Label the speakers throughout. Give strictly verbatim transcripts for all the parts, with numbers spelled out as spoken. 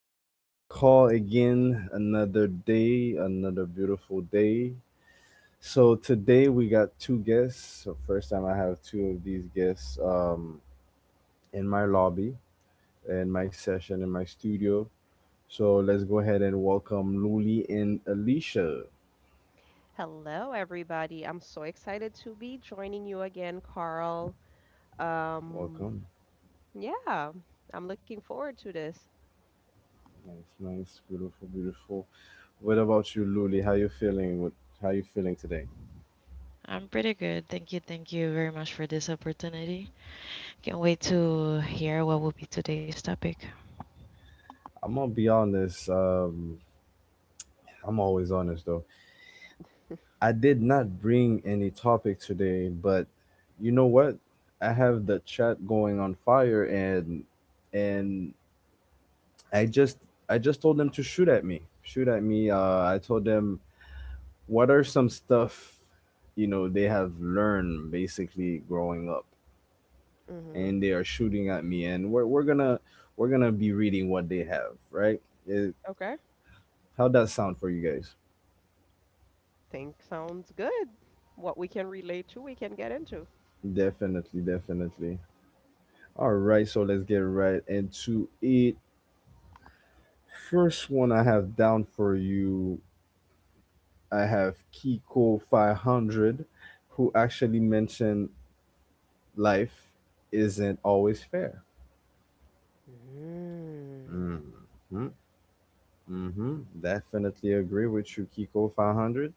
Speaker 1: is your boy Call again. Another day, another beautiful day. So today we got two guests. So first time I have two of these guests um, in my lobby, in my session, in my studio. So let's go ahead and welcome Luli and Alicia.
Speaker 2: Hello, everybody. I'm so excited to be joining you again, Carl. Um,
Speaker 1: Welcome.
Speaker 2: yeah, I'm looking forward to this.
Speaker 1: Nice, nice, beautiful, beautiful. What about you, Luli? How you feeling? What, how you feeling today?
Speaker 3: I'm pretty good. Thank you. Thank you very much for this opportunity. Can't wait to hear what will be today's topic.
Speaker 1: I'm gonna be honest. Um, I'm always honest. I did not bring any topic today, but you know what? I have the chat going on fire, and and I just I just told them to shoot at me. Shoot at me. Uh, I told them, what are some stuff you know they have learned basically growing up,
Speaker 2: Hmm.
Speaker 1: and they are shooting at me, and we're we're going to we're going to be reading what they have, right? It,
Speaker 2: Okay,
Speaker 1: how that sound for you guys?
Speaker 2: think sounds good. What we can relate to, we can get into.
Speaker 1: Definitely, definitely. All right, so let's get right into it. First one I have down for you, I have Kiko five hundred, who actually mentioned life isn't always fair.
Speaker 2: Mm.
Speaker 1: Mm-hmm, mm-hmm. Definitely agree with you, Kiko five hundred.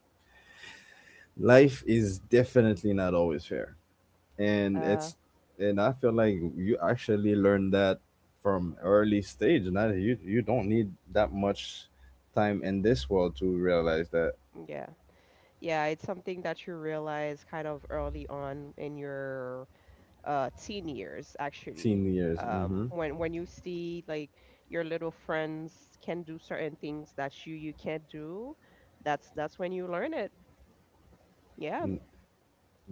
Speaker 1: Life is definitely not always fair, and
Speaker 2: Uh,
Speaker 1: it's and I feel like you actually learned that from early stage. Not you you don't need that much time in this world to realize that.
Speaker 2: yeah, yeah, it's something that you realize kind of early on in your uh teen years actually.
Speaker 1: Teen years.
Speaker 2: Um
Speaker 1: Mm-hmm,
Speaker 2: when when you see like your little friends can do certain things that you you can't do. That's that's when you learn it. Yeah.
Speaker 1: mm-hmm.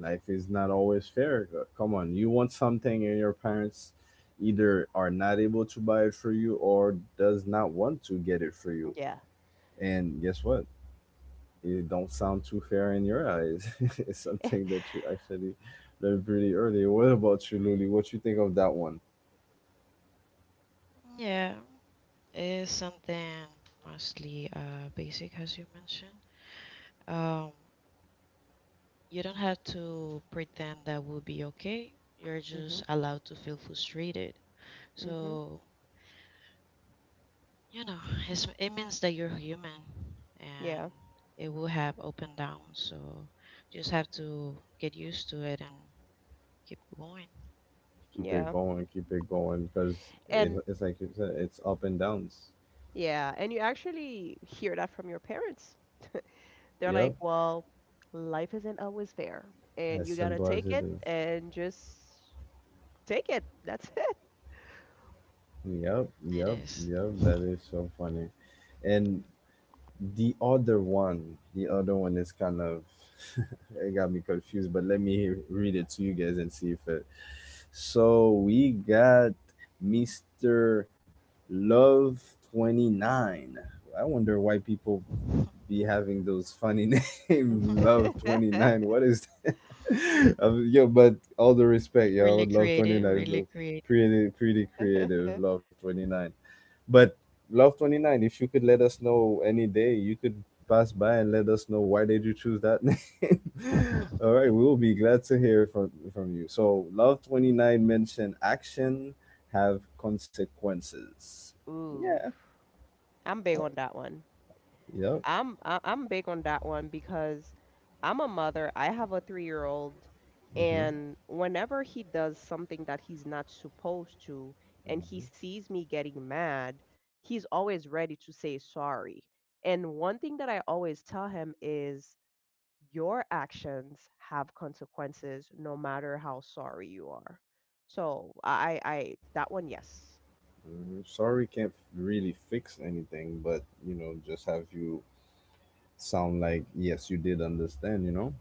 Speaker 1: Life is not always fair. Uh, Come on, you want something and your parents either are not able to buy it for you or does not want to get it for you.
Speaker 2: Yeah,
Speaker 1: And guess what? It don't sound too fair in your eyes. It's something that you actually learned pretty early. What about you, Luli? What you think of that one?
Speaker 3: Yeah, it's something mostly uh, basic, as you mentioned. Um, you don't have to pretend that will be okay. You're just
Speaker 2: mhm,
Speaker 3: allowed to feel frustrated.
Speaker 2: mhm,
Speaker 3: So, you know, it's, it means that you're human and
Speaker 2: yeah,
Speaker 3: it will have up and downs. So, just have to get used to it and keep going.
Speaker 1: Keep it
Speaker 2: yeah,
Speaker 1: going, keep it going, because it,
Speaker 2: and
Speaker 1: it's like you said, it's up and downs.
Speaker 2: yeah, and you actually hear that from your parents. They're like,
Speaker 1: Yep,
Speaker 2: well, life isn't always fair, and
Speaker 1: as
Speaker 2: you got to
Speaker 1: simple as
Speaker 2: take
Speaker 1: it
Speaker 2: it
Speaker 1: is.
Speaker 2: and just take it, that's it.
Speaker 1: Yep,
Speaker 3: It
Speaker 1: yep,
Speaker 3: is.
Speaker 1: yep. That is so funny. And The other one, the other one is kind of it got me confused, but let me read it to you guys and see if it. So we got Mister Love Twenty Nine. I wonder why people be having those funny name Love Twenty Nine. What is that? Um, yo? But all the respect, yo.
Speaker 3: Really
Speaker 1: Love Twenty
Speaker 3: creative,
Speaker 1: Nine is
Speaker 3: really
Speaker 1: a
Speaker 3: creative.
Speaker 1: pretty pretty creative. Love Twenty Nine. But Love twenty nine, if you could let us know any day, you could pass by and let us know why did you choose that name. All right, we will be glad to hear from from you. So Love twenty nine mentioned action have consequences.
Speaker 2: Ooh,
Speaker 1: Yeah.
Speaker 2: i'm big on that one
Speaker 1: Yep.
Speaker 2: I'm I- I'm big on that one because I'm a mother. I have a three-year-old-year-old, and whenever he does something that he's not supposed to and he sees me getting mad, he's always ready to say sorry. And one thing that I always tell him is your actions have consequences no matter how sorry you are. So I I that one, yes.
Speaker 1: Mm, Sorry can't really fix anything, but you know, just have you sound like yes, you did understand, you know?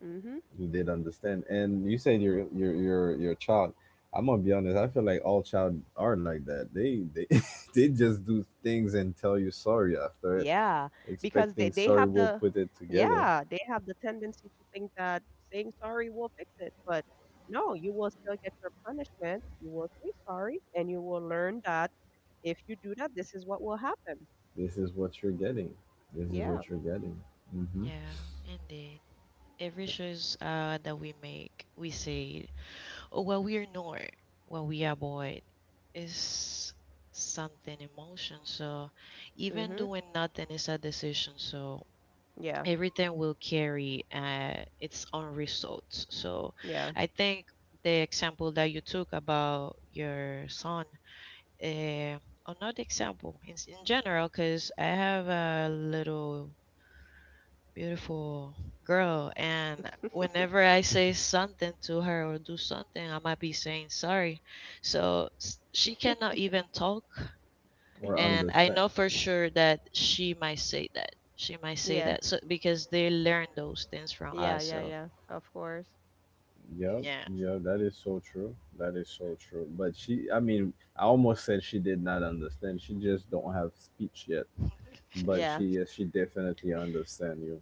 Speaker 2: Mhm.
Speaker 1: Who did understand. And you said your your your your child. I'm gonna be honest. I feel like all child are like that. They they they just do things and tell you sorry after it,
Speaker 2: Yeah, because they
Speaker 1: expecting
Speaker 2: they
Speaker 1: sorry
Speaker 2: have
Speaker 1: will
Speaker 2: the,
Speaker 1: put it together.
Speaker 2: yeah, they have the tendency to think that saying sorry will fix it, but no, you will still get your punishment. You will say sorry and you will learn that if you do that, this is what will happen.
Speaker 1: This is what you're getting. This is
Speaker 2: Yeah.
Speaker 1: what you're getting. Mm-hmm.
Speaker 3: Yeah, indeed. Every choice uh, that we make, we say, or what we ignore, what we avoid, is something emotion. So even
Speaker 2: Mhm.
Speaker 3: doing nothing is a decision. So
Speaker 2: Yeah.
Speaker 3: everything will carry uh, its own results. So
Speaker 2: Yeah.
Speaker 3: I think the example that you took about your son, uh, another example in, in general, because I have a little Beautiful girl. And whenever I say something to her or do something, I might be saying sorry. So s- she cannot even talk.
Speaker 1: Or
Speaker 3: And I
Speaker 1: understand.
Speaker 3: know for sure that she might say that. She might say
Speaker 2: Yeah.
Speaker 3: that. So because they learn those things from
Speaker 2: Yeah,
Speaker 3: us.
Speaker 2: yeah,
Speaker 3: So
Speaker 2: yeah. Of course.
Speaker 1: Yep,
Speaker 3: yeah.
Speaker 1: yep. That is so true. That is so true. But she, I mean, I almost said she did not understand. She just don't have speech yet. But
Speaker 2: Yeah.
Speaker 1: she, yes, she definitely understand you.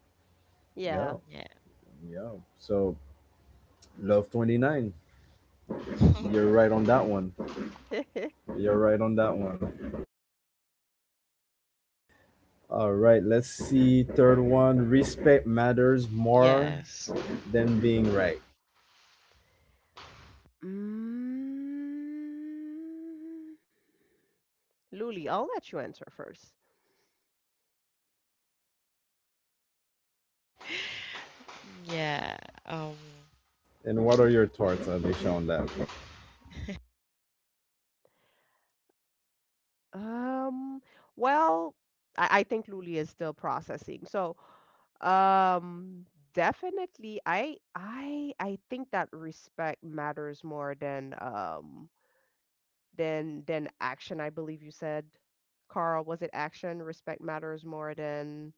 Speaker 1: Yeah,
Speaker 2: Yeah.
Speaker 3: yeah.
Speaker 1: yeah. So Love twenty nine. You're right on that one. You're right on that one. All right, let's see. Third one, respect matters more
Speaker 3: yes.
Speaker 1: than being right.
Speaker 2: Mm. Luli, I'll let you answer first.
Speaker 3: Yeah. Um
Speaker 1: And what are your thoughts, Alicia, on that?
Speaker 2: Um, well, I, I think Luli is still processing. So, um, definitely, I, I, I think that respect matters more than, um, than, than action. I believe you said, Carl, was it action? Respect matters more than,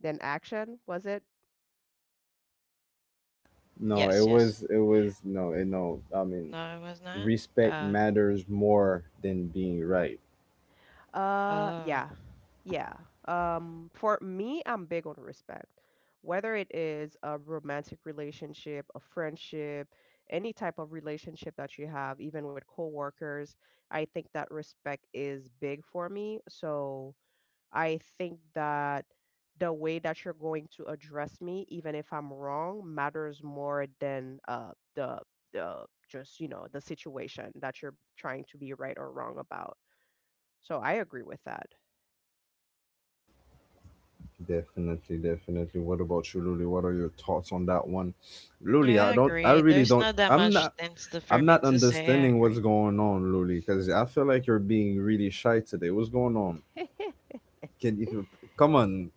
Speaker 2: than action, was it?
Speaker 1: No,
Speaker 3: yes,
Speaker 1: it
Speaker 3: yes.
Speaker 1: was, it was, no, it, no. I mean,
Speaker 3: No, it was not.
Speaker 1: respect
Speaker 3: Uh
Speaker 1: matters more than being right.
Speaker 2: Uh,
Speaker 3: oh.
Speaker 2: yeah, yeah. Um, for me, I'm big on respect. Whether it is a romantic relationship, a friendship, any type of relationship that you have, even with coworkers, I think that respect is big for me. So I think that the way that you're going to address me, even if I'm wrong, matters more than uh the the just, you know, the situation that you're trying to be right or wrong about. So I agree with that.
Speaker 1: Definitely, definitely. What about you, Luli? What are your thoughts on that one? Luli, I
Speaker 3: I
Speaker 1: don't, I
Speaker 3: agree.
Speaker 1: really
Speaker 3: There's
Speaker 1: don't,
Speaker 3: not that
Speaker 1: I'm
Speaker 3: much
Speaker 1: not,
Speaker 3: things to, for
Speaker 1: I'm
Speaker 3: me
Speaker 1: not
Speaker 3: to say. I
Speaker 1: understanding what's
Speaker 3: agree.
Speaker 1: going on, Luli, because I feel like you're being really shy today. What's going on? Can you come on,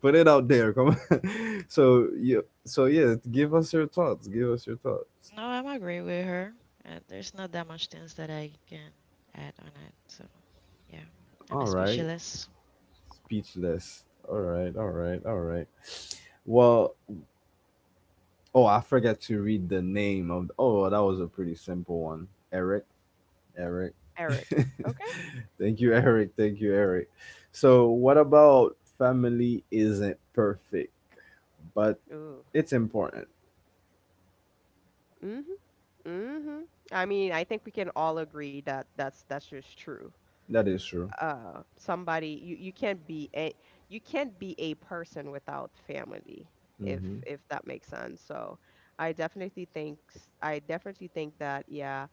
Speaker 1: put it out there? Come on. So you, so yeah, give us your thoughts. Give us your thoughts.
Speaker 3: No, I'm agree with her. Uh, there's not that much things that I can add on it. So yeah, I'm a
Speaker 1: All right,
Speaker 3: speechless.
Speaker 1: speechless. All right, all right, all right. Well, oh, I forgot to read the name of. Oh, that was a pretty simple one. Eric, Eric.
Speaker 2: Eric. Okay.
Speaker 1: Thank you, Eric. Thank you, Eric. So, what about family isn't perfect, but
Speaker 2: Ooh.
Speaker 1: it's important?
Speaker 2: Mhm. Mhm. I mean, I think we can all agree that that's that's just true.
Speaker 1: That is true.
Speaker 2: Uh, somebody you you can't be a you can't be a person without family, if
Speaker 1: Hmm,
Speaker 2: if that makes sense. So, I definitely think s- I definitely think that yeah,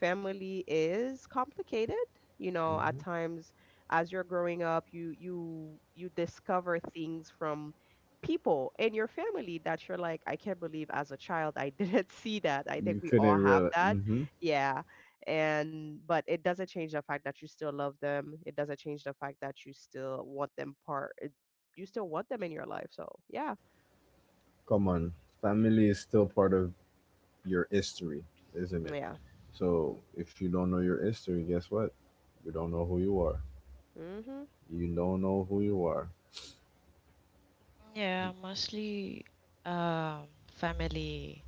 Speaker 2: family is complicated, you know at
Speaker 1: hmm.
Speaker 2: times. As you're growing up, you you you discover things from people in your family that you're like, I can't believe as a child I didn't see that. I think
Speaker 1: You
Speaker 2: we all
Speaker 1: couldn't
Speaker 2: have
Speaker 1: really.
Speaker 2: that.
Speaker 1: Hmm.
Speaker 2: Yeah. And but it doesn't change the fact that you still love them. It doesn't change the fact that you still want them, part it- you still want them in your life, so yeah.
Speaker 1: Come on, family is still part of your history, isn't it?
Speaker 2: Yeah,
Speaker 1: So if you don't know your history, guess what? You don't know who you are.
Speaker 2: mhm,
Speaker 1: You don't know who you are.
Speaker 3: Yeah, mostly um, family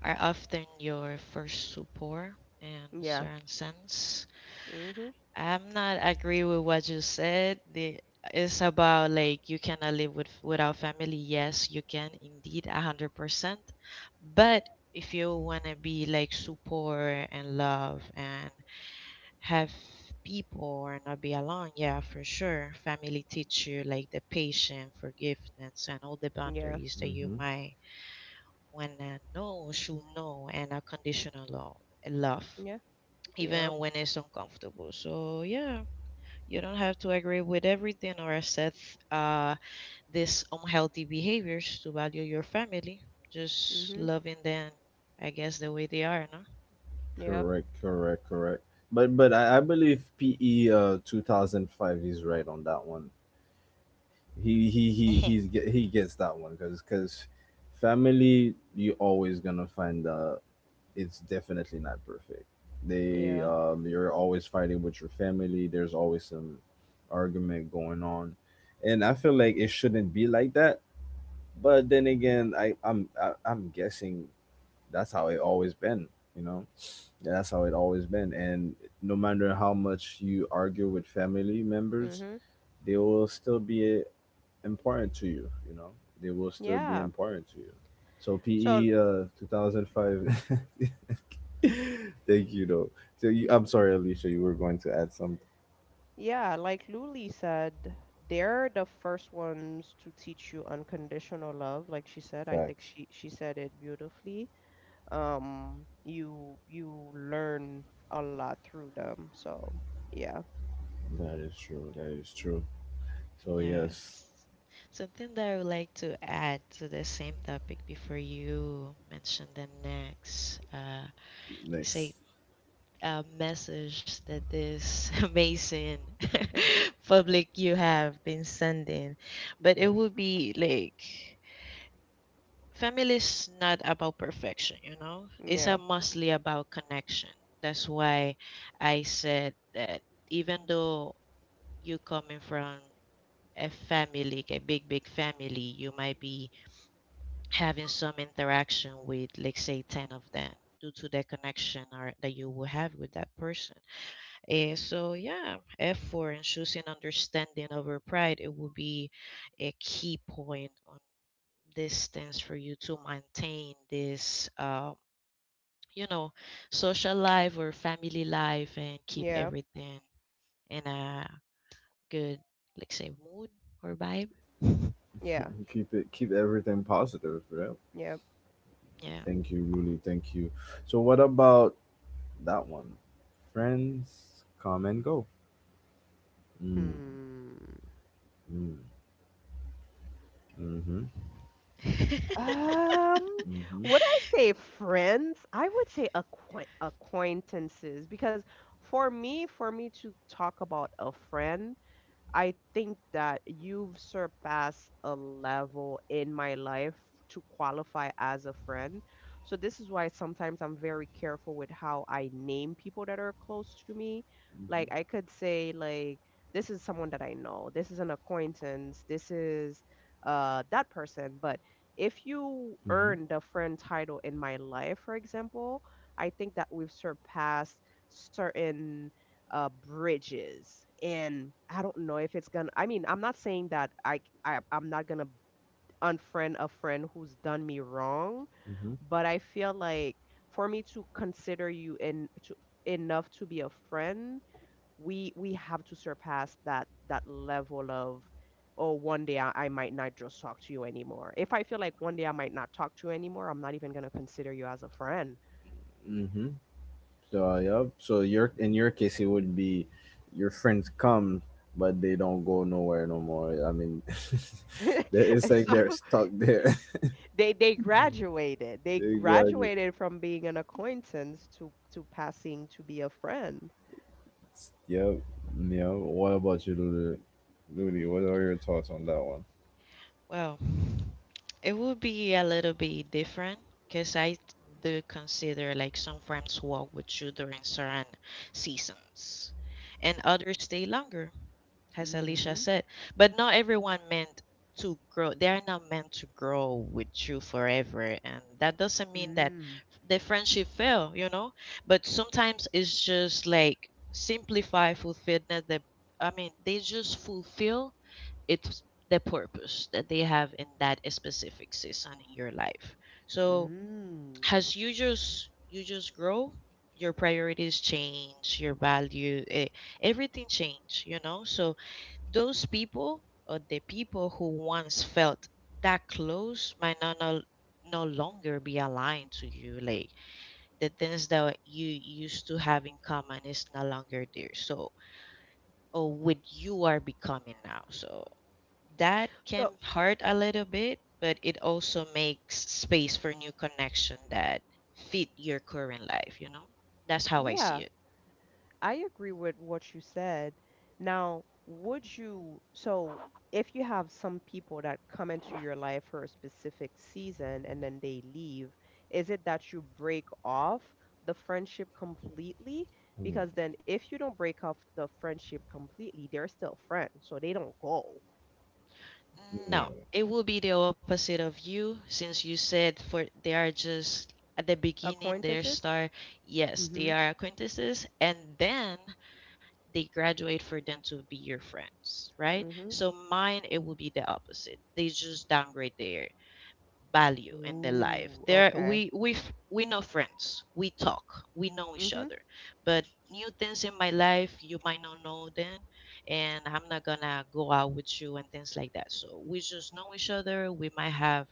Speaker 3: are often your first support in
Speaker 2: yeah,
Speaker 3: certain sense.
Speaker 2: mhm,
Speaker 3: I'm not agree with what you said. The It's about like you cannot live with without family. Yes, you can indeed, a hundred percent. But if you wanna be like support and love and have people or not be alone, yeah, for sure. Family teach you like the patience, forgiveness, and all the
Speaker 2: yeah,
Speaker 3: boundaries that you
Speaker 1: Hmm.
Speaker 3: might wanna know, should know, and unconditional love, love,
Speaker 2: yeah,
Speaker 3: even
Speaker 2: yep,
Speaker 3: when it's uncomfortable. So yeah. You don't have to agree with everything or accept uh, these unhealthy behaviors to value your family. Just
Speaker 2: mhm,
Speaker 3: loving them, I guess, the way they are, no?
Speaker 2: yep.
Speaker 1: Correct, correct, correct. But but I, I believe P E uh two thousand five is right on that one. He he he he's get, he gets that one, because because family you always gonna find uh. It's definitely not perfect. They
Speaker 2: Yeah.
Speaker 1: um, you're always fighting with your family. There's always some argument going on, and I feel like it shouldn't be like that. But then again, I I'm I, I'm guessing that's how it always been. You know, that's how it always been. And no matter how much you argue with family members,
Speaker 2: Mhm.
Speaker 1: there will still be important to you, you know, they will still be
Speaker 2: Yeah.
Speaker 1: important to you. So
Speaker 2: So
Speaker 1: PE uh two thousand five, thank you though. So you, I'm sorry, Alicia, you were going to add some.
Speaker 2: yeah, like Luli said, they're the first ones to teach you unconditional love. Like she said, I think
Speaker 1: Facts.
Speaker 2: she she said it beautifully. Um, you you learn a lot through them. So yeah,
Speaker 1: That is true. That is true. So yes.
Speaker 3: yes. Something that I would like to add to the same topic before you mention the next, uh, let's
Speaker 1: Next.
Speaker 3: say, uh, message that this amazing public you have been sending, but it would be like family is not about perfection, you know. It's a
Speaker 2: yeah,
Speaker 3: mostly about connection. That's why I said that even though you coming from a family, like a big big family, you might be having some interaction with, like say, ten of them due to the connection or that you will have with that person. Eh, so yeah, effort and choosing understanding over pride, it will be a key point on this stance for you to maintain this, um, you know, social life or family life and keep
Speaker 2: yeah,
Speaker 3: everything in a good, like say, mood or vibe.
Speaker 2: yeah,
Speaker 1: Keep it, keep everything positive, right?
Speaker 2: yeah.
Speaker 1: Thank you. Really, thank you. So what about that one? Friends come and go. Mm.
Speaker 2: Hmm.
Speaker 1: Mm-hmm.
Speaker 3: Yeah.
Speaker 2: Um,
Speaker 1: Mm-hmm. Mm-hmm.
Speaker 2: would I say friends? I would say acquaint acquaintances because for me, for me to talk about a friend, I think that you've surpassed a level in my life to qualify as a friend. So this is why sometimes I'm very careful with how I name people that are close to me. Like
Speaker 1: Mm-hmm.
Speaker 2: I could say, like, this is someone that I know. This is an acquaintance. This is uh that person, but if you
Speaker 1: Mm-hmm.
Speaker 2: earn the friend title in my life, for example, I think that we've surpassed certain uh, bridges. And I don't know if it's gonna. I mean, I'm not saying that I, c- I I'm not gonna unfriend a friend who's done me wrong, but I feel like for me to consider you in to, enough to be a friend, we we have to surpass that that level of, oh, one day, I, I might not just talk to you anymore. If I feel like one day I might not talk to you anymore, I'm not even gonna consider you as a friend.
Speaker 1: Mm-hmm. So yeah. So your, in your case, it would be your friends come, but they don't go nowhere no more. I mean, they- it's
Speaker 2: And
Speaker 1: like
Speaker 2: so
Speaker 1: they're stuck there.
Speaker 2: They they graduated. They
Speaker 1: They graduates.
Speaker 2: graduated from being an acquaintance to to passing to be a friend.
Speaker 1: Yep. Yeah. What about you, Lulu? Looney, what are your thoughts on that one?
Speaker 3: Well, it would be a little bit different because I t- do consider like some farms walk with you during certain seasons and others stay longer, as Alicia
Speaker 2: Mhm.
Speaker 3: said. But not everyone meant to grow, they are not meant to grow with you forever. And that doesn't mean that
Speaker 2: Mm-hmm.
Speaker 3: the friendship fail, you know? But sometimes it's just like simplify fulfillment that I mean, they just fulfill it's the purpose that they have in that specific season in your life. So
Speaker 2: Mm. Mm.
Speaker 3: as you just you just grow, your priorities change, your value, eh, everything change, you know. So those people or the people who once felt that close might not no, no longer be aligned to you. Like the things that you used to have in common is no longer there. So or what you are becoming now. So that can
Speaker 2: So,
Speaker 3: hurt a little bit, but it also makes space for new connection that fit your current life, you know? That's how I see
Speaker 2: yeah.
Speaker 3: it.
Speaker 2: I agree with what you said. Now, would you, so if you have some people that come into your life for a specific season and then they leave, is it that you break off the friendship completely?
Speaker 1: Hmm.
Speaker 2: Because then if you don't break off the friendship completely, they're still friends, so they don't go.
Speaker 3: No,
Speaker 1: Yeah.
Speaker 3: it will be the opposite of you since you said for they are just at the beginning their
Speaker 2: Acquaintances?
Speaker 3: star. Yes, they
Speaker 2: Mm-hmm.
Speaker 3: are acquaintances and then they graduate for them to be your friends, right?
Speaker 2: Mm-hmm.
Speaker 3: So mine it will be the opposite. They just downgrade their value in their life.
Speaker 2: Ooh,
Speaker 3: There
Speaker 2: okay.
Speaker 3: we we f- we know friends, we talk, we know each
Speaker 2: Mm-hmm.
Speaker 3: other. But new things in my life you might not know then, and I'm not gonna go out with you and things like that. So we just know each other. We might have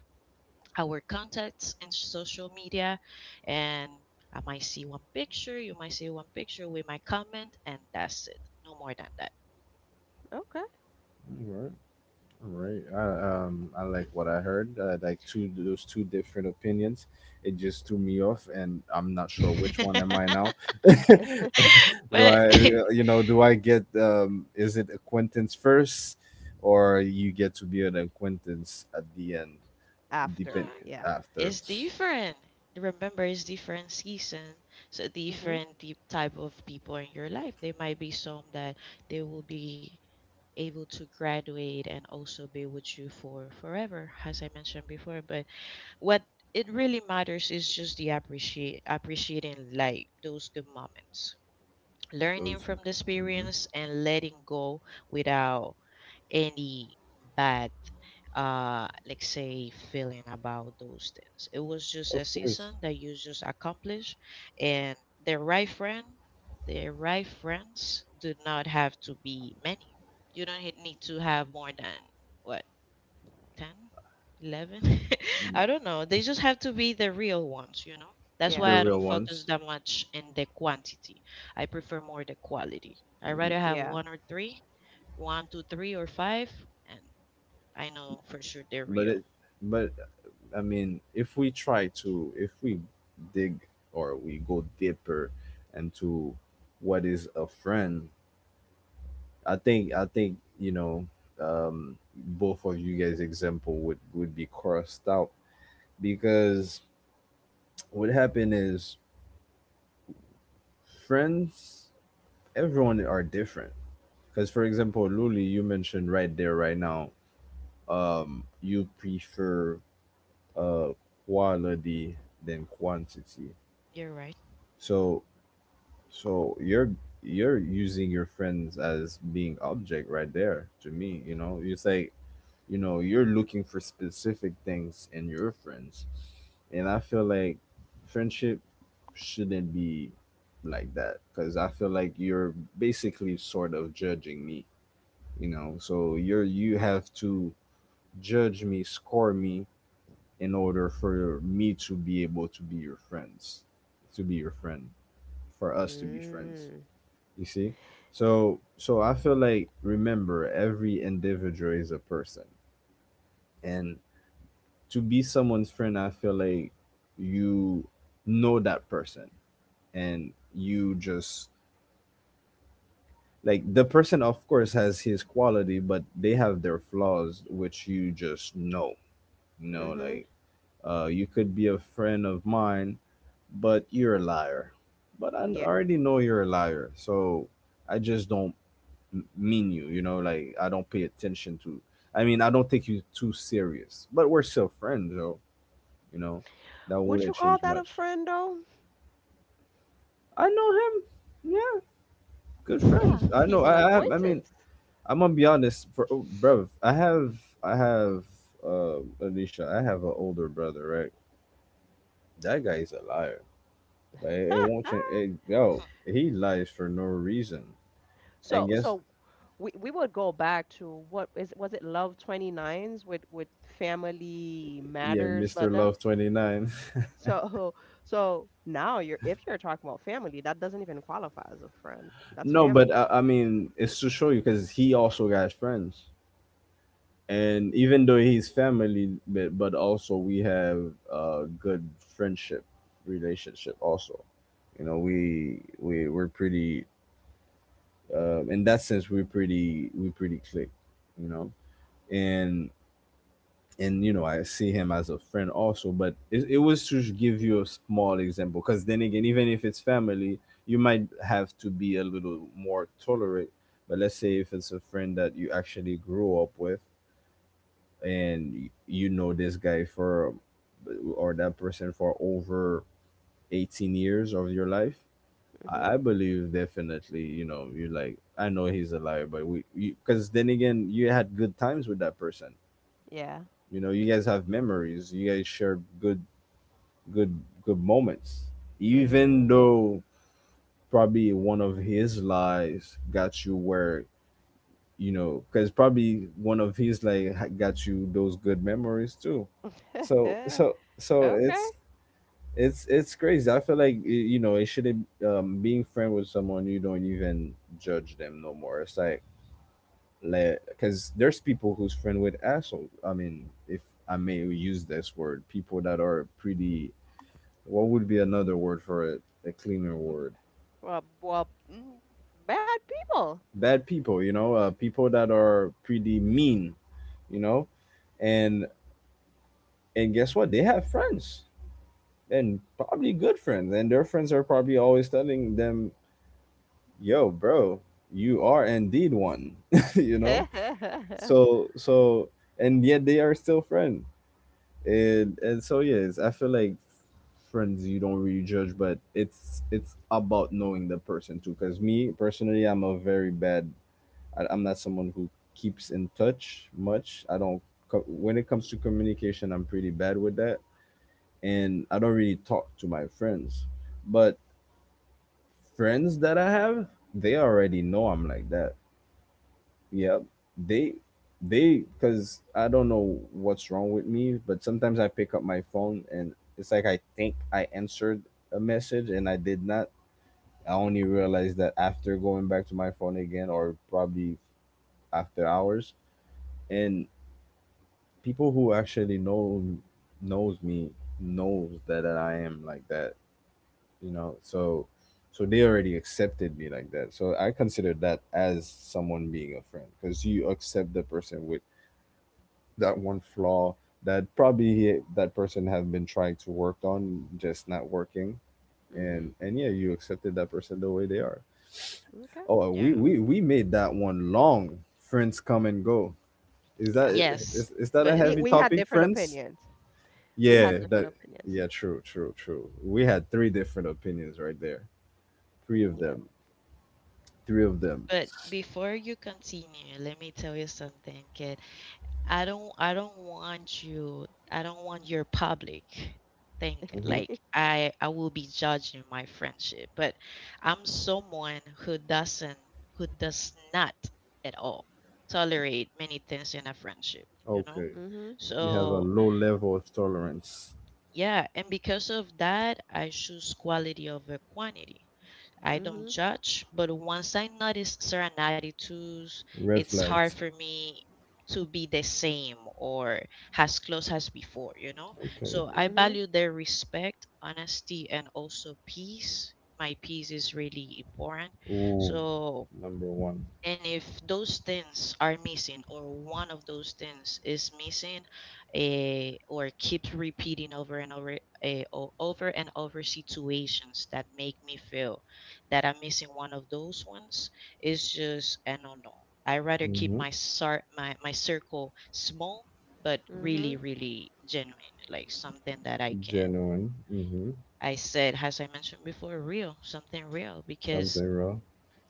Speaker 3: our contacts in social media, and I might see one picture, you might see one picture, we might comment, and that's it. No more than that.
Speaker 2: Okay.
Speaker 1: All right. All right. I, um, I like what I heard. I like two those two different opinions. It just threw me off, and I'm not sure which one am I now. Do
Speaker 3: but
Speaker 1: I, you know, do I get? Um, is it acquaintance first, or you get to be an acquaintance at the end?
Speaker 3: no,
Speaker 1: Depend
Speaker 2: After, yeah.
Speaker 1: after
Speaker 3: it's different. Remember, it's different season, so
Speaker 2: Mm-hmm.
Speaker 3: different deep type of people in your life. There might be some that they will be able to graduate and also be with you for forever, as I mentioned before. But what it really matters is just the appreciate appreciating like those good moments, learning
Speaker 1: those.
Speaker 3: from the
Speaker 1: Mhm.
Speaker 3: experience and letting go without any bad uh let's say feeling about those things. It was just
Speaker 1: Of
Speaker 3: a
Speaker 1: course,
Speaker 3: season that you just accomplished. And the right friend the right friends do not have to be many. You don't need to have more than what, ten eleven, I
Speaker 1: mm,
Speaker 3: don't know. They just have to be the real ones, you know? That's
Speaker 1: the
Speaker 3: why
Speaker 2: Yeah.
Speaker 3: I
Speaker 1: real
Speaker 3: don't focus
Speaker 1: ones.
Speaker 3: that much in the quantity. I prefer more the quality. I
Speaker 1: Mm.
Speaker 3: rather have
Speaker 2: Yeah.
Speaker 3: one or three, one, two, three, or five, and I know for sure they're
Speaker 1: But
Speaker 3: real.
Speaker 1: it, but I mean, if we try to, if we dig or we go deeper into what is a friend, I think, I think, you know, um, both of you guys' example would, would be crossed out because what happened is friends, everyone are different. Because, for example, Luli, you mentioned right there, right now, um, you prefer uh, quality than quantity.
Speaker 3: You're right.
Speaker 1: So So you're you're using your friends as being object right there to me, you know. You say, you know, you're looking for specific things in your friends. And I feel like friendship shouldn't be like that, cuz I feel like you're basically sort of judging me, you know. So you're, you have to judge me, score me in order for me to be able to be your friends, to be your friend, for us to be friends.
Speaker 2: Mm.
Speaker 1: You see? So so I feel like, remember, every individual is a person. And to be someone's friend, I feel like you know that person, and you just like the person. Of course has his quality, but they have their flaws, which you just know. You know,
Speaker 2: Mm-hmm.
Speaker 1: like, uh you could be a friend of mine, but you're a liar. But I
Speaker 2: Yeah.
Speaker 1: already know you're a liar, so I just don't m- mean you, you know. Like, I don't pay attention to, I mean, I don't take you too serious, but we're still friends, though. You know, that
Speaker 2: Would
Speaker 1: wouldn't
Speaker 2: you call
Speaker 1: change
Speaker 2: that a
Speaker 1: much.
Speaker 2: friend though?
Speaker 1: I know him. Yeah, good
Speaker 2: Yeah,
Speaker 1: friends. I
Speaker 2: he's
Speaker 1: know,
Speaker 2: an
Speaker 1: i i, I mean,
Speaker 2: acquaintance.
Speaker 1: I'm gonna be honest. For, oh, bro, i have i have uh Alicia, I have an older brother, right? That guy is a liar. Like, it, it won't change it, yo, he lies for no reason.
Speaker 2: So
Speaker 1: And guess.
Speaker 2: so we we would go back to what is was it Love 29s with with Family
Speaker 1: Yeah.
Speaker 2: Matters, but
Speaker 1: Mr.
Speaker 2: that...
Speaker 1: Love twenty nine.
Speaker 2: so so now you're if you're talking about family, that doesn't even qualify as a friend. That's
Speaker 1: No,
Speaker 2: family.
Speaker 1: but I, I mean, it's to show you because he also got friends, and even though he's family, but but also we have a good friendship relationship. Also, you know, we we we're pretty, um, in that sense. We're pretty, we pretty click, you know, and and you know I see him as a friend also. But it, it was to give you a small example, because then again, even if it's family, you might have to be a little more tolerant. But let's say if it's a friend that you actually grew up with, and y- you know this guy for, or that person for over eighteen years of your life.
Speaker 2: Hmm.
Speaker 1: I I believe definitely, you know, you like, I know he's a liar, but we, because then again, you had good times with that person.
Speaker 2: Yeah.
Speaker 1: You know, you guys have memories. You guys share good, good, good moments. Even
Speaker 2: Mm.
Speaker 1: though probably one of his lies got you where, you know, because probably one of his like ha- got you those good memories too. So, so, so
Speaker 2: Okay.
Speaker 1: it's it's it's crazy. I feel like y- you know it should, um, being friend with someone you don't even judge them no more. It's like, because there's people who's friend with asshole. I mean, if I may use this word, people that are pretty. What would be another word for it? A cleaner word.
Speaker 2: Well, well, mm, bad people.
Speaker 1: Bad people, you know, uh, people that are pretty mean, you know, and and guess what? They have friends and probably good friends, and their friends are probably always telling them, "Yo, bro, you are indeed one," you know. So so, and yet they are still friends, and and so yes, I feel like friends you don't really judge, but it's it's about knowing the person too, because me personally, I'm a very bad. I, i'm not someone who keeps in touch much. I don't co- when it comes to communication, I'm pretty bad with that. And I don't really talk to my friends, but friends that I have, they already know I'm like that, yeah. They they cuz I don't know what's wrong with me, but sometimes I pick up my phone and it's like I think I answered a message and I did not. I only realized that after going back to my phone again or probably after hours. And people who actually know knows me, knows that, that I am like that, you know. So so they already accepted me like that. So I consider that as someone being a friend, cuz you accept the person with that one flaw that probably that person have been trying to work on, just not working.
Speaker 2: hmm.
Speaker 1: And and yeah, you accepted that person the way they are.
Speaker 2: Okay.
Speaker 1: Oh,
Speaker 3: Yeah.
Speaker 1: we we we made that one long. Friends come and go. Is
Speaker 2: Yeah.
Speaker 1: that
Speaker 3: Yes,
Speaker 1: is, is that a
Speaker 3: but
Speaker 2: We
Speaker 1: heavy
Speaker 2: we had
Speaker 1: topic,
Speaker 2: different
Speaker 1: friends?
Speaker 2: opinions. We had
Speaker 1: Yeah,
Speaker 2: different
Speaker 1: that
Speaker 2: opinions.
Speaker 1: yeah, true, true, true. We had three different opinions right there. Three of them. Three of them.
Speaker 3: but before you continue, let me tell you something. Que I don't I don't want you I don't want your public think
Speaker 2: Yeah.
Speaker 1: Mm-hmm.
Speaker 3: like I I will be judging my friendship. But I'm someone who doesn't who does not at all tolerate many things in a friendship, you know?
Speaker 1: Okay.
Speaker 2: mhm.
Speaker 1: You have a
Speaker 3: So
Speaker 1: low level of tolerance.
Speaker 3: yeah, and because of that, I choose quality over quantity. I don't
Speaker 2: Mhm.
Speaker 3: judge, but once I notice certain attitudes,
Speaker 1: Red
Speaker 3: it's hard
Speaker 1: flags.
Speaker 3: for me to be the same or as close as before, you know?
Speaker 1: Okay.
Speaker 3: So I
Speaker 2: Mhm.
Speaker 3: value their respect, honesty, and also peace. My peace is really important.
Speaker 1: Ooh,
Speaker 3: So
Speaker 1: number one.
Speaker 3: and if those things are missing, or one of those things is missing, eh, or keeps repeating over and over, eh, o- over and over situations that make me feel that I'm missing one of those ones, it's just I no. not. I rather keep
Speaker 1: Hmm.
Speaker 3: my sar- my my circle small, but really,
Speaker 2: Mhm.
Speaker 3: really genuine, like something that I can.
Speaker 1: Genuine. Hmm.
Speaker 3: I said, as I mentioned before, real, something real, because
Speaker 1: Something real.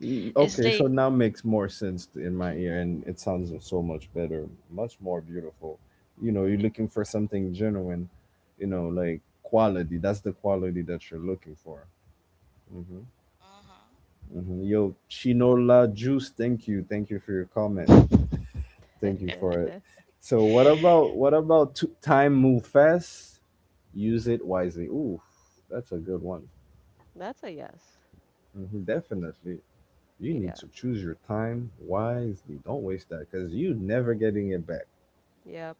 Speaker 1: Y-
Speaker 3: it's
Speaker 1: Okay, so
Speaker 3: like,
Speaker 1: now makes more sense t- in my ear, and it sounds so much better, much more beautiful. You know, you're looking for something genuine. You know, like quality. That's the quality that you're looking for. Hmm.
Speaker 3: mhm.
Speaker 1: Hmm. Yo, Chinola Juice. Thank you. Thank you for your comment. Thank you for it. So, what about what about to, time move fast? Use it wisely. Ooh, that's a good one.
Speaker 2: That's a yes.
Speaker 1: Hmm. Definitely. You
Speaker 2: Yeah.
Speaker 1: need to choose your time wisely. Don't waste that because you never getting it back.
Speaker 2: Yep.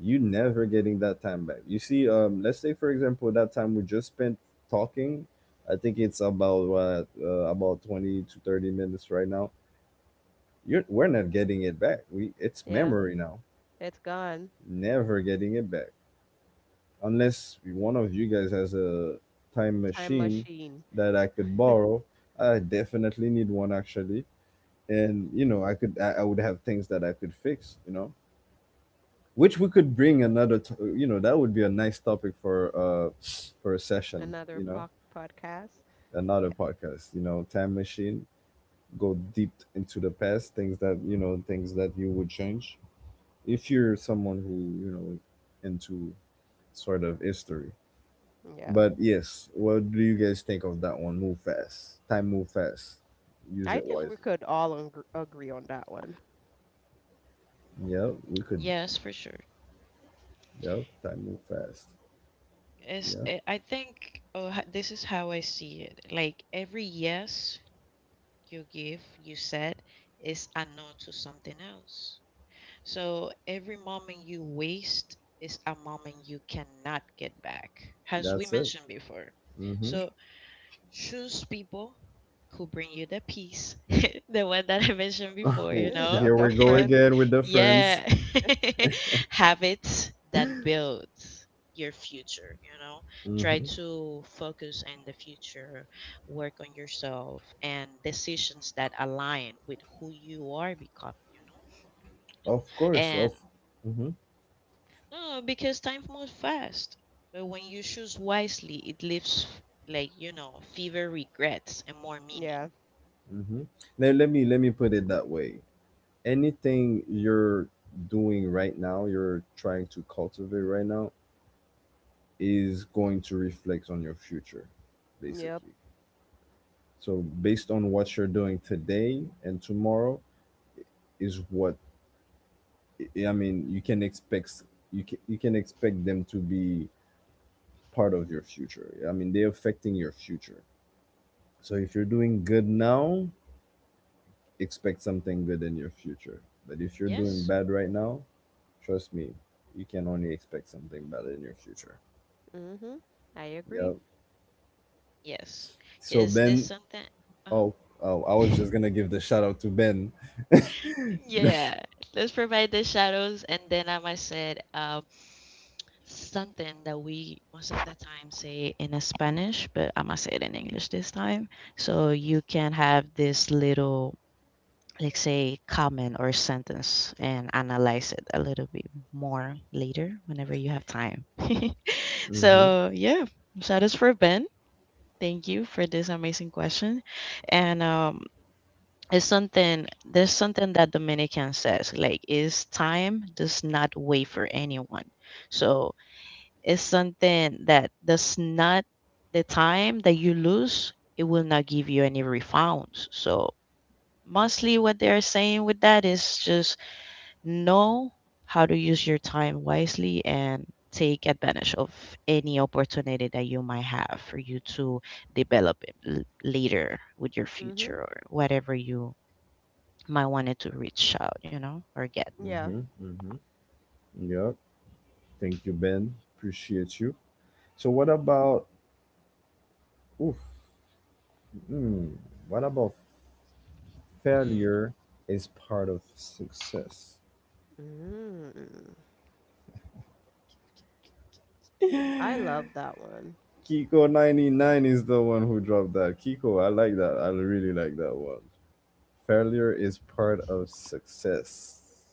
Speaker 1: You never getting that time back. You see, um, let's say for example that time we just spent talking. I think it's about what uh, about twenty to thirty minutes right now. You're we're not getting it back. We it's
Speaker 2: Yeah.
Speaker 1: memory now.
Speaker 2: It's gone.
Speaker 1: Never getting it back unless one of you guys has a time
Speaker 2: Time
Speaker 1: machine
Speaker 2: machine.
Speaker 1: that I could borrow. I definitely need one, actually. And you know i could I, I would have things that I could fix, you know which we could bring another to, you know that would be a nice topic for uh for a session, you
Speaker 2: Another
Speaker 1: know
Speaker 2: po- podcast.
Speaker 1: another
Speaker 2: Yeah.
Speaker 1: podcast, you know time machine, go deep into the past, things that you know things that you would change, if you're someone who, you know into sort of history.
Speaker 2: Yeah.
Speaker 1: But yes, what do you guys think of that one? Move fast, time move fast, use it
Speaker 2: I think we
Speaker 1: wisely.
Speaker 2: could all ungr agree on that one.
Speaker 1: Yeah, we could.
Speaker 3: Yes, for sure.
Speaker 1: Yeah, time move fast.
Speaker 3: Is
Speaker 1: Yeah,
Speaker 3: eh, I think uh, h- this is how I see it. Like every yes you give, you said, is a no to something else. So every moment you waste is a moment you cannot get back, as we
Speaker 1: that's it.
Speaker 3: mentioned before.
Speaker 1: Hmm.
Speaker 3: So choose people who bring you the peace, the one that I mentioned before, you know?
Speaker 2: The,
Speaker 1: Here
Speaker 2: the
Speaker 1: we go
Speaker 2: friend.
Speaker 1: again with the
Speaker 3: Yeah.
Speaker 1: friends.
Speaker 3: Habits that build your future, you know. Try
Speaker 1: Hmm.
Speaker 3: to focus on the future, work on yourself and decisions that align with who you are becoming, you know.
Speaker 1: Of course,
Speaker 3: And
Speaker 1: of. Mm-hmm.
Speaker 3: no, because time moves fast. But when you choose wisely, it leaves like, you know, fewer regrets and more meaning.
Speaker 2: Yeah.
Speaker 1: Mm-hmm. Now, let me let me put it that way. Anything you're doing right now, you're trying to cultivate right now, is going to reflect on your future,
Speaker 2: Yep.
Speaker 1: basically. So, based on what you're doing today and tomorrow, is what I I mean. You can expect you can you can expect them to be part of your future. I mean, they're affecting your future. So if you're doing good now, expect something good in your future. But if you're doing
Speaker 3: Yes.
Speaker 1: bad right now, trust me, you can only expect something bad in your future.
Speaker 2: Mhm. I
Speaker 1: Yep.
Speaker 2: agree.
Speaker 3: Yes.
Speaker 1: So
Speaker 3: Cuz there's
Speaker 1: Ben,
Speaker 3: something uh-huh.
Speaker 1: oh, oh, I was just gonna give the shout out to Ben.
Speaker 3: Yeah, let's provide the shadows. And then um, I said um, something that we most of the time say in Spanish, but I'm gonna say it in English this time. So you can have this little, like, say, comment or sentence and analyze it a little bit more later whenever you have time.
Speaker 1: Mm-hmm.
Speaker 3: So, yeah, shadows for Ben. Thank you for this amazing question. And um, it's something there's something that dominican says, like, is time does not wait for anyone. So it's something that does not, the time that you lose it will not give you any refunds. So mostly what they're saying with that is just know how to use your time wisely and take advantage of any opportunity that you might have for you to develop it l- later with your
Speaker 2: Mhm.
Speaker 3: future or whatever you might wanted to reach out, you know, or get.
Speaker 2: Yeah.
Speaker 1: Yep. Thank you, Ben. Appreciate you. So what about oof, Hmm. what about
Speaker 3: Mm,
Speaker 1: failure is part of success?
Speaker 2: Mm. I love that one.
Speaker 1: Kiko ninety nine is the one who dropped that. Kiko, I like that. I really like that one. Failure is part of success.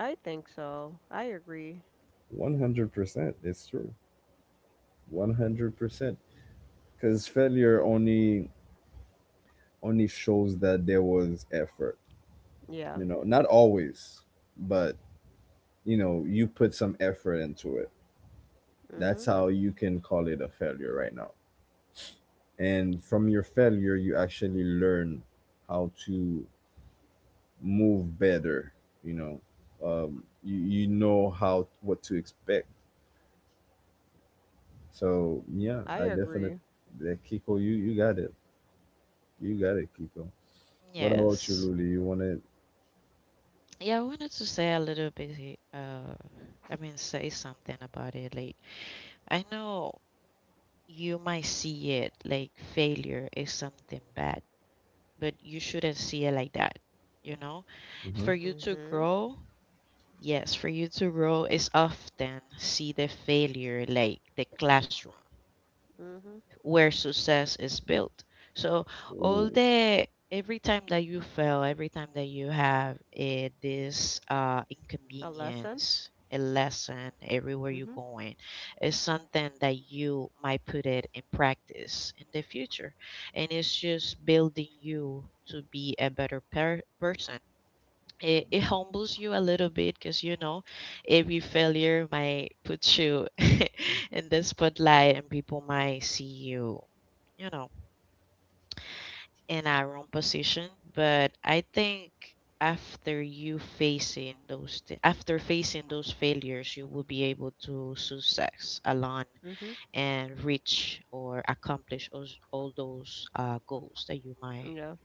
Speaker 2: I think so. I agree.
Speaker 1: one hundred percent. It's true. one hundred percent. Because failure only only shows that there was effort.
Speaker 2: Yeah.
Speaker 1: You know, not always, but you know, you put some effort into it. That's
Speaker 2: Mhm.
Speaker 1: how you can call it a failure right now. And from your failure, you actually learn how to move better. You know, um, you, you know how what to expect. So yeah,
Speaker 2: I
Speaker 1: I definitely,
Speaker 2: agree.
Speaker 1: that Kiko, you you got it. You got it, Kiko. What about you,
Speaker 3: yes.
Speaker 1: Luli? You want it?
Speaker 3: Yeah, I wanted to say a little bit, he- uh, I mean, say something about it. Like, I know you might see it like failure is something bad, but you shouldn't see it like that, you know?
Speaker 1: Uh-huh.
Speaker 3: For you to
Speaker 2: Mhm.
Speaker 3: grow, yes, for you to grow is often see the failure like the classroom
Speaker 2: Mhm.
Speaker 3: where success is built. So all
Speaker 1: Oh,
Speaker 3: the every time that you fail, every time that you have a, this uh,
Speaker 2: A lesson.
Speaker 3: inconvenience, a lesson everywhere you're
Speaker 2: Mhm.
Speaker 3: going is something that you might put it in practice in the future, and it's just building you to be a better per- person. it, it humbles you a little bit, because you know every failure might put you in the spotlight and people might see you, you know, in a wrong position. But I think after you facing those thi- after facing those failures, you will be able to success alone
Speaker 2: Mhm.
Speaker 3: and reach or accomplish all, all those uh, goals that you might
Speaker 2: Yeah.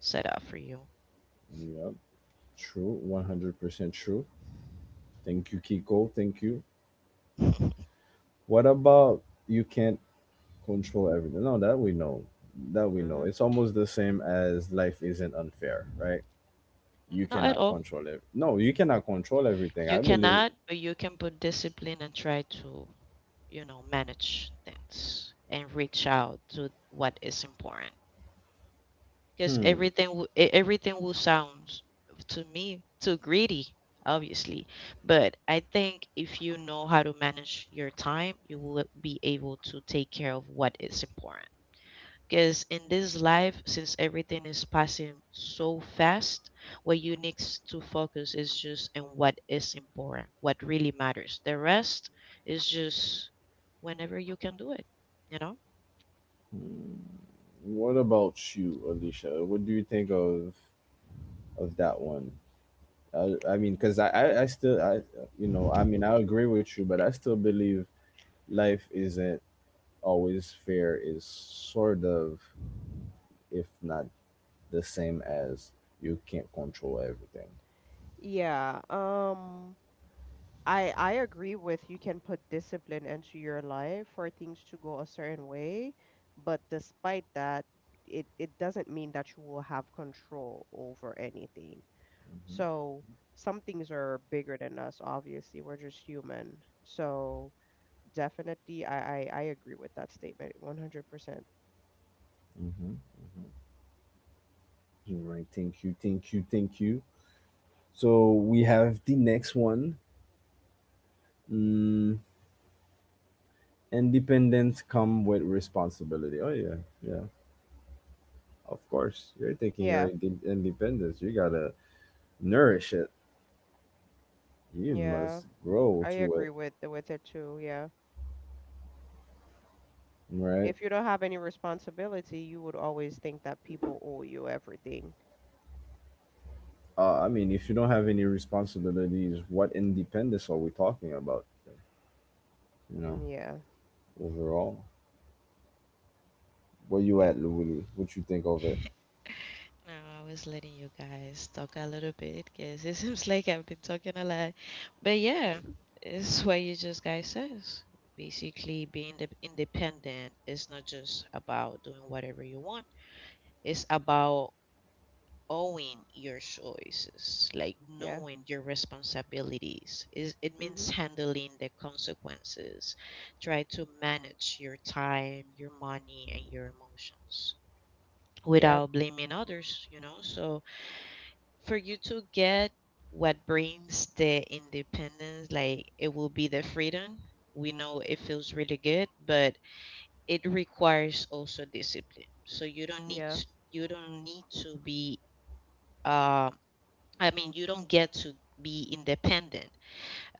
Speaker 3: set up for you.
Speaker 1: yeah, true, one hundred percent true. Thank you, Kiko. Thank you. What about you can't control everything? No, that we know. That we know.
Speaker 2: Mhm.
Speaker 1: It's almost the same as life isn't unfair, right? You
Speaker 3: Not at
Speaker 1: cannot
Speaker 3: all.
Speaker 1: control it. No, you cannot control everything.
Speaker 3: You
Speaker 1: I believe.
Speaker 3: cannot, but you can put discipline and try to, you know, manage things and reach out to what is important. Because
Speaker 1: Hmm.
Speaker 3: everything, wi- e- everything will sound to me too greedy, obviously. But I think if you know how to manage your time, you will be able to take care of what is important. Because in this life, since everything is passing so fast, what you need to focus is just on what is important, what really matters. The rest is just whenever you can do it, you know?
Speaker 1: What about you, Alicia? What do you think of of that one? Uh, I mean, because I, I, I still, I, you know, I mean, I agree with you, but I still believe life isn't always fair. Is sort of, if not the same as, you can't control everything.
Speaker 2: Yeah. Um I I agree with you can put discipline into your life for things to go a certain way, but despite that, it it doesn't mean that you will have control over anything.
Speaker 1: Mm-hmm.
Speaker 2: So some things are bigger than us, obviously. We're just human. So definitely I I, I agree with that statement one hundred percent.
Speaker 1: Mm-hmm. All right. Thank you. Thank you. Thank you. So we have the next one. Mm, Independence come with responsibility. Oh yeah, yeah. Of course, you're taking your
Speaker 2: Yeah.
Speaker 1: inde- independence. You gotta nourish it. You
Speaker 2: Yeah.
Speaker 1: must grow
Speaker 2: I
Speaker 1: to it,
Speaker 2: agree with with it too. Yeah.
Speaker 1: right?
Speaker 2: If you don't have any responsibility, you would always think that people owe you everything.
Speaker 1: Uh, I mean, if you don't have any responsibilities, what independence are we talking about? You know,
Speaker 2: Mm, Yeah.
Speaker 1: Overall, where you
Speaker 2: Yeah.
Speaker 1: at, Louis? What you think of it?
Speaker 3: Now, I was letting you guys talk a little bit because it seems like I've been talking a lot. But yeah, it's what you just guys says. Basically, being the independent is not just about doing whatever you want. It's about owning your choices, like
Speaker 2: Yeah.
Speaker 3: knowing your responsibilities. Is It means
Speaker 2: Mhm.
Speaker 3: handling the consequences. Try to manage your time, your money, and your emotions
Speaker 2: Yep.
Speaker 3: without blaming others, you know? So for you to get what brings the independence, like it will be the freedom. We know it feels really good, but it requires also discipline. So you don't need
Speaker 2: Yeah.
Speaker 3: to, you don't need to be um I mean, you don't get to be independent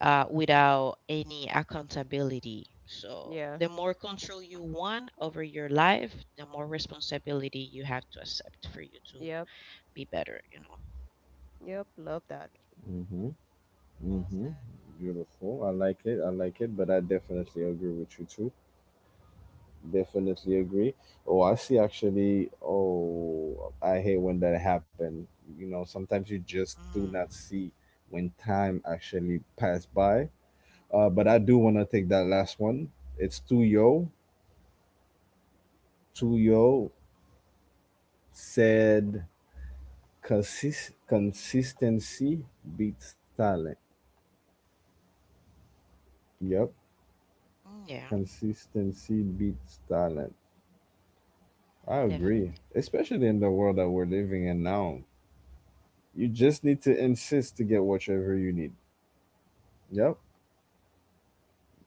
Speaker 3: uh, without any accountability. So,
Speaker 2: Yeah.
Speaker 3: the more control you want over your life, the more responsibility you have to accept for you to
Speaker 2: Yep.
Speaker 3: be better, you know.
Speaker 2: Yep. Love that.
Speaker 1: Mm-hmm.
Speaker 2: Well
Speaker 1: Mm-hmm.
Speaker 2: said.
Speaker 1: Beautiful. I like it. I like it. But I definitely agree with you too. Definitely agree. Oh, I see. Actually, oh, I hate when that happen. You know, sometimes you just do
Speaker 3: Mm,
Speaker 1: not see when time actually pass by. Uh, but I do want to take that last one. It's Tuyo. Tuyo said consist- consistency beats talent. Yep.
Speaker 3: mm, yeah,
Speaker 1: Consistency beats talent. I
Speaker 3: definitely.
Speaker 1: agree, especially in the world that we're living in now. You just need to insist to get whatever you need. Yep.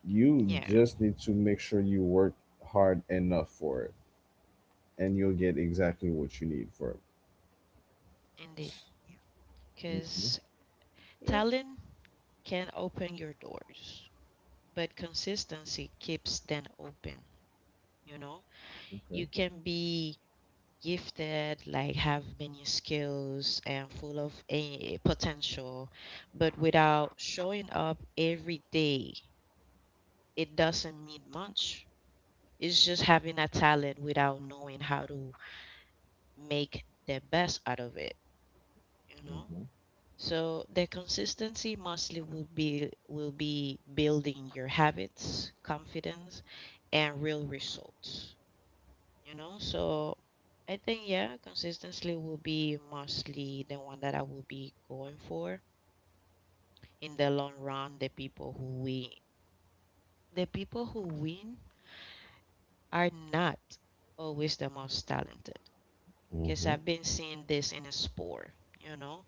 Speaker 1: You
Speaker 3: Yeah,
Speaker 1: just need to make sure you work hard enough for it, and you'll get exactly what you need for it.
Speaker 3: indeed.
Speaker 1: Hmm.
Speaker 3: Because
Speaker 2: Yep.
Speaker 3: talent can open your doors, but consistency keeps them open, you know.
Speaker 1: Okay.
Speaker 3: You can be gifted, like have many skills and full of a potential, but without showing up every day, it doesn't mean much. It's just having a talent without knowing how to make the best out of it, you know? So the consistency mostly will be will be building your habits, confidence, and real results, you know. So I think yeah, consistency will be mostly the one that I will be going for in the long run. The people who win the people who win are not always the most talented, because
Speaker 1: Hmm.
Speaker 3: I've been seeing this in a sport, you know.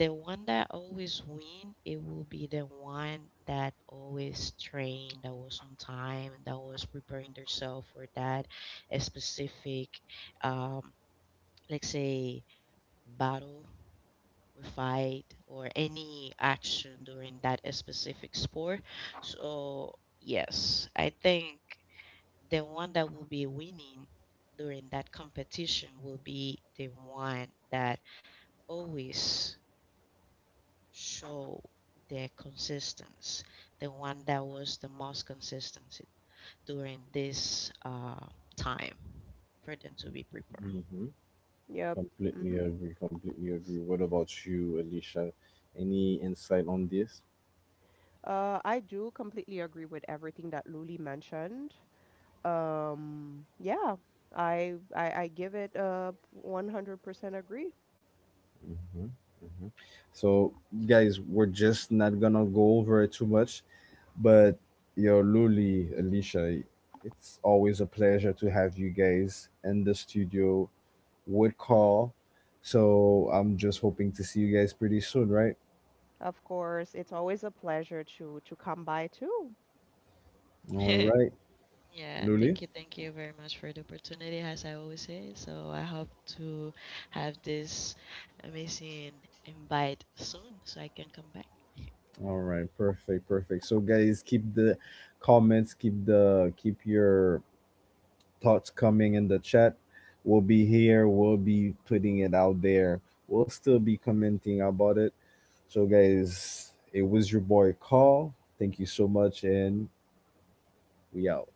Speaker 3: The one that always win, it will be the one that always trained, that was on time, that was preparing themselves for that a specific um let's say battle or fight or any action during that specific sport. So, yes, I think the one that will be winning during that competition will be the one that always show their consistency, the one that was the most consistent during this uh, time for them to be prepared.
Speaker 1: Hmm.
Speaker 2: Yep.
Speaker 1: Completely
Speaker 2: Mhm.
Speaker 1: agree. Completely agree. What about you, Alicia? Any insight on this?
Speaker 2: Uh, I do completely agree with everything that Luli mentioned. Um, yeah, I, I I give it a one hundred percent agree.
Speaker 1: So, guys, we're just not gonna go over it too much, but yo, Luli, Alicia, it's always a pleasure to have you guys in the studio with Carl. So, I'm just hoping to see you guys pretty soon, right?
Speaker 2: Of course, it's always a pleasure to to come by too.
Speaker 1: All right,
Speaker 3: Yeah,
Speaker 1: Luli.
Speaker 3: thank you, thank you very much for the opportunity, as I always say. So I hope to have this amazing invite soon so I can come back.
Speaker 1: All right, perfect, perfect. So, guys, keep the comments, keep the keep your thoughts coming in the chat. We'll be here. We'll be putting it out there. We'll still be commenting about it. So, guys, it was your boy Call. Thank you so much, and we out.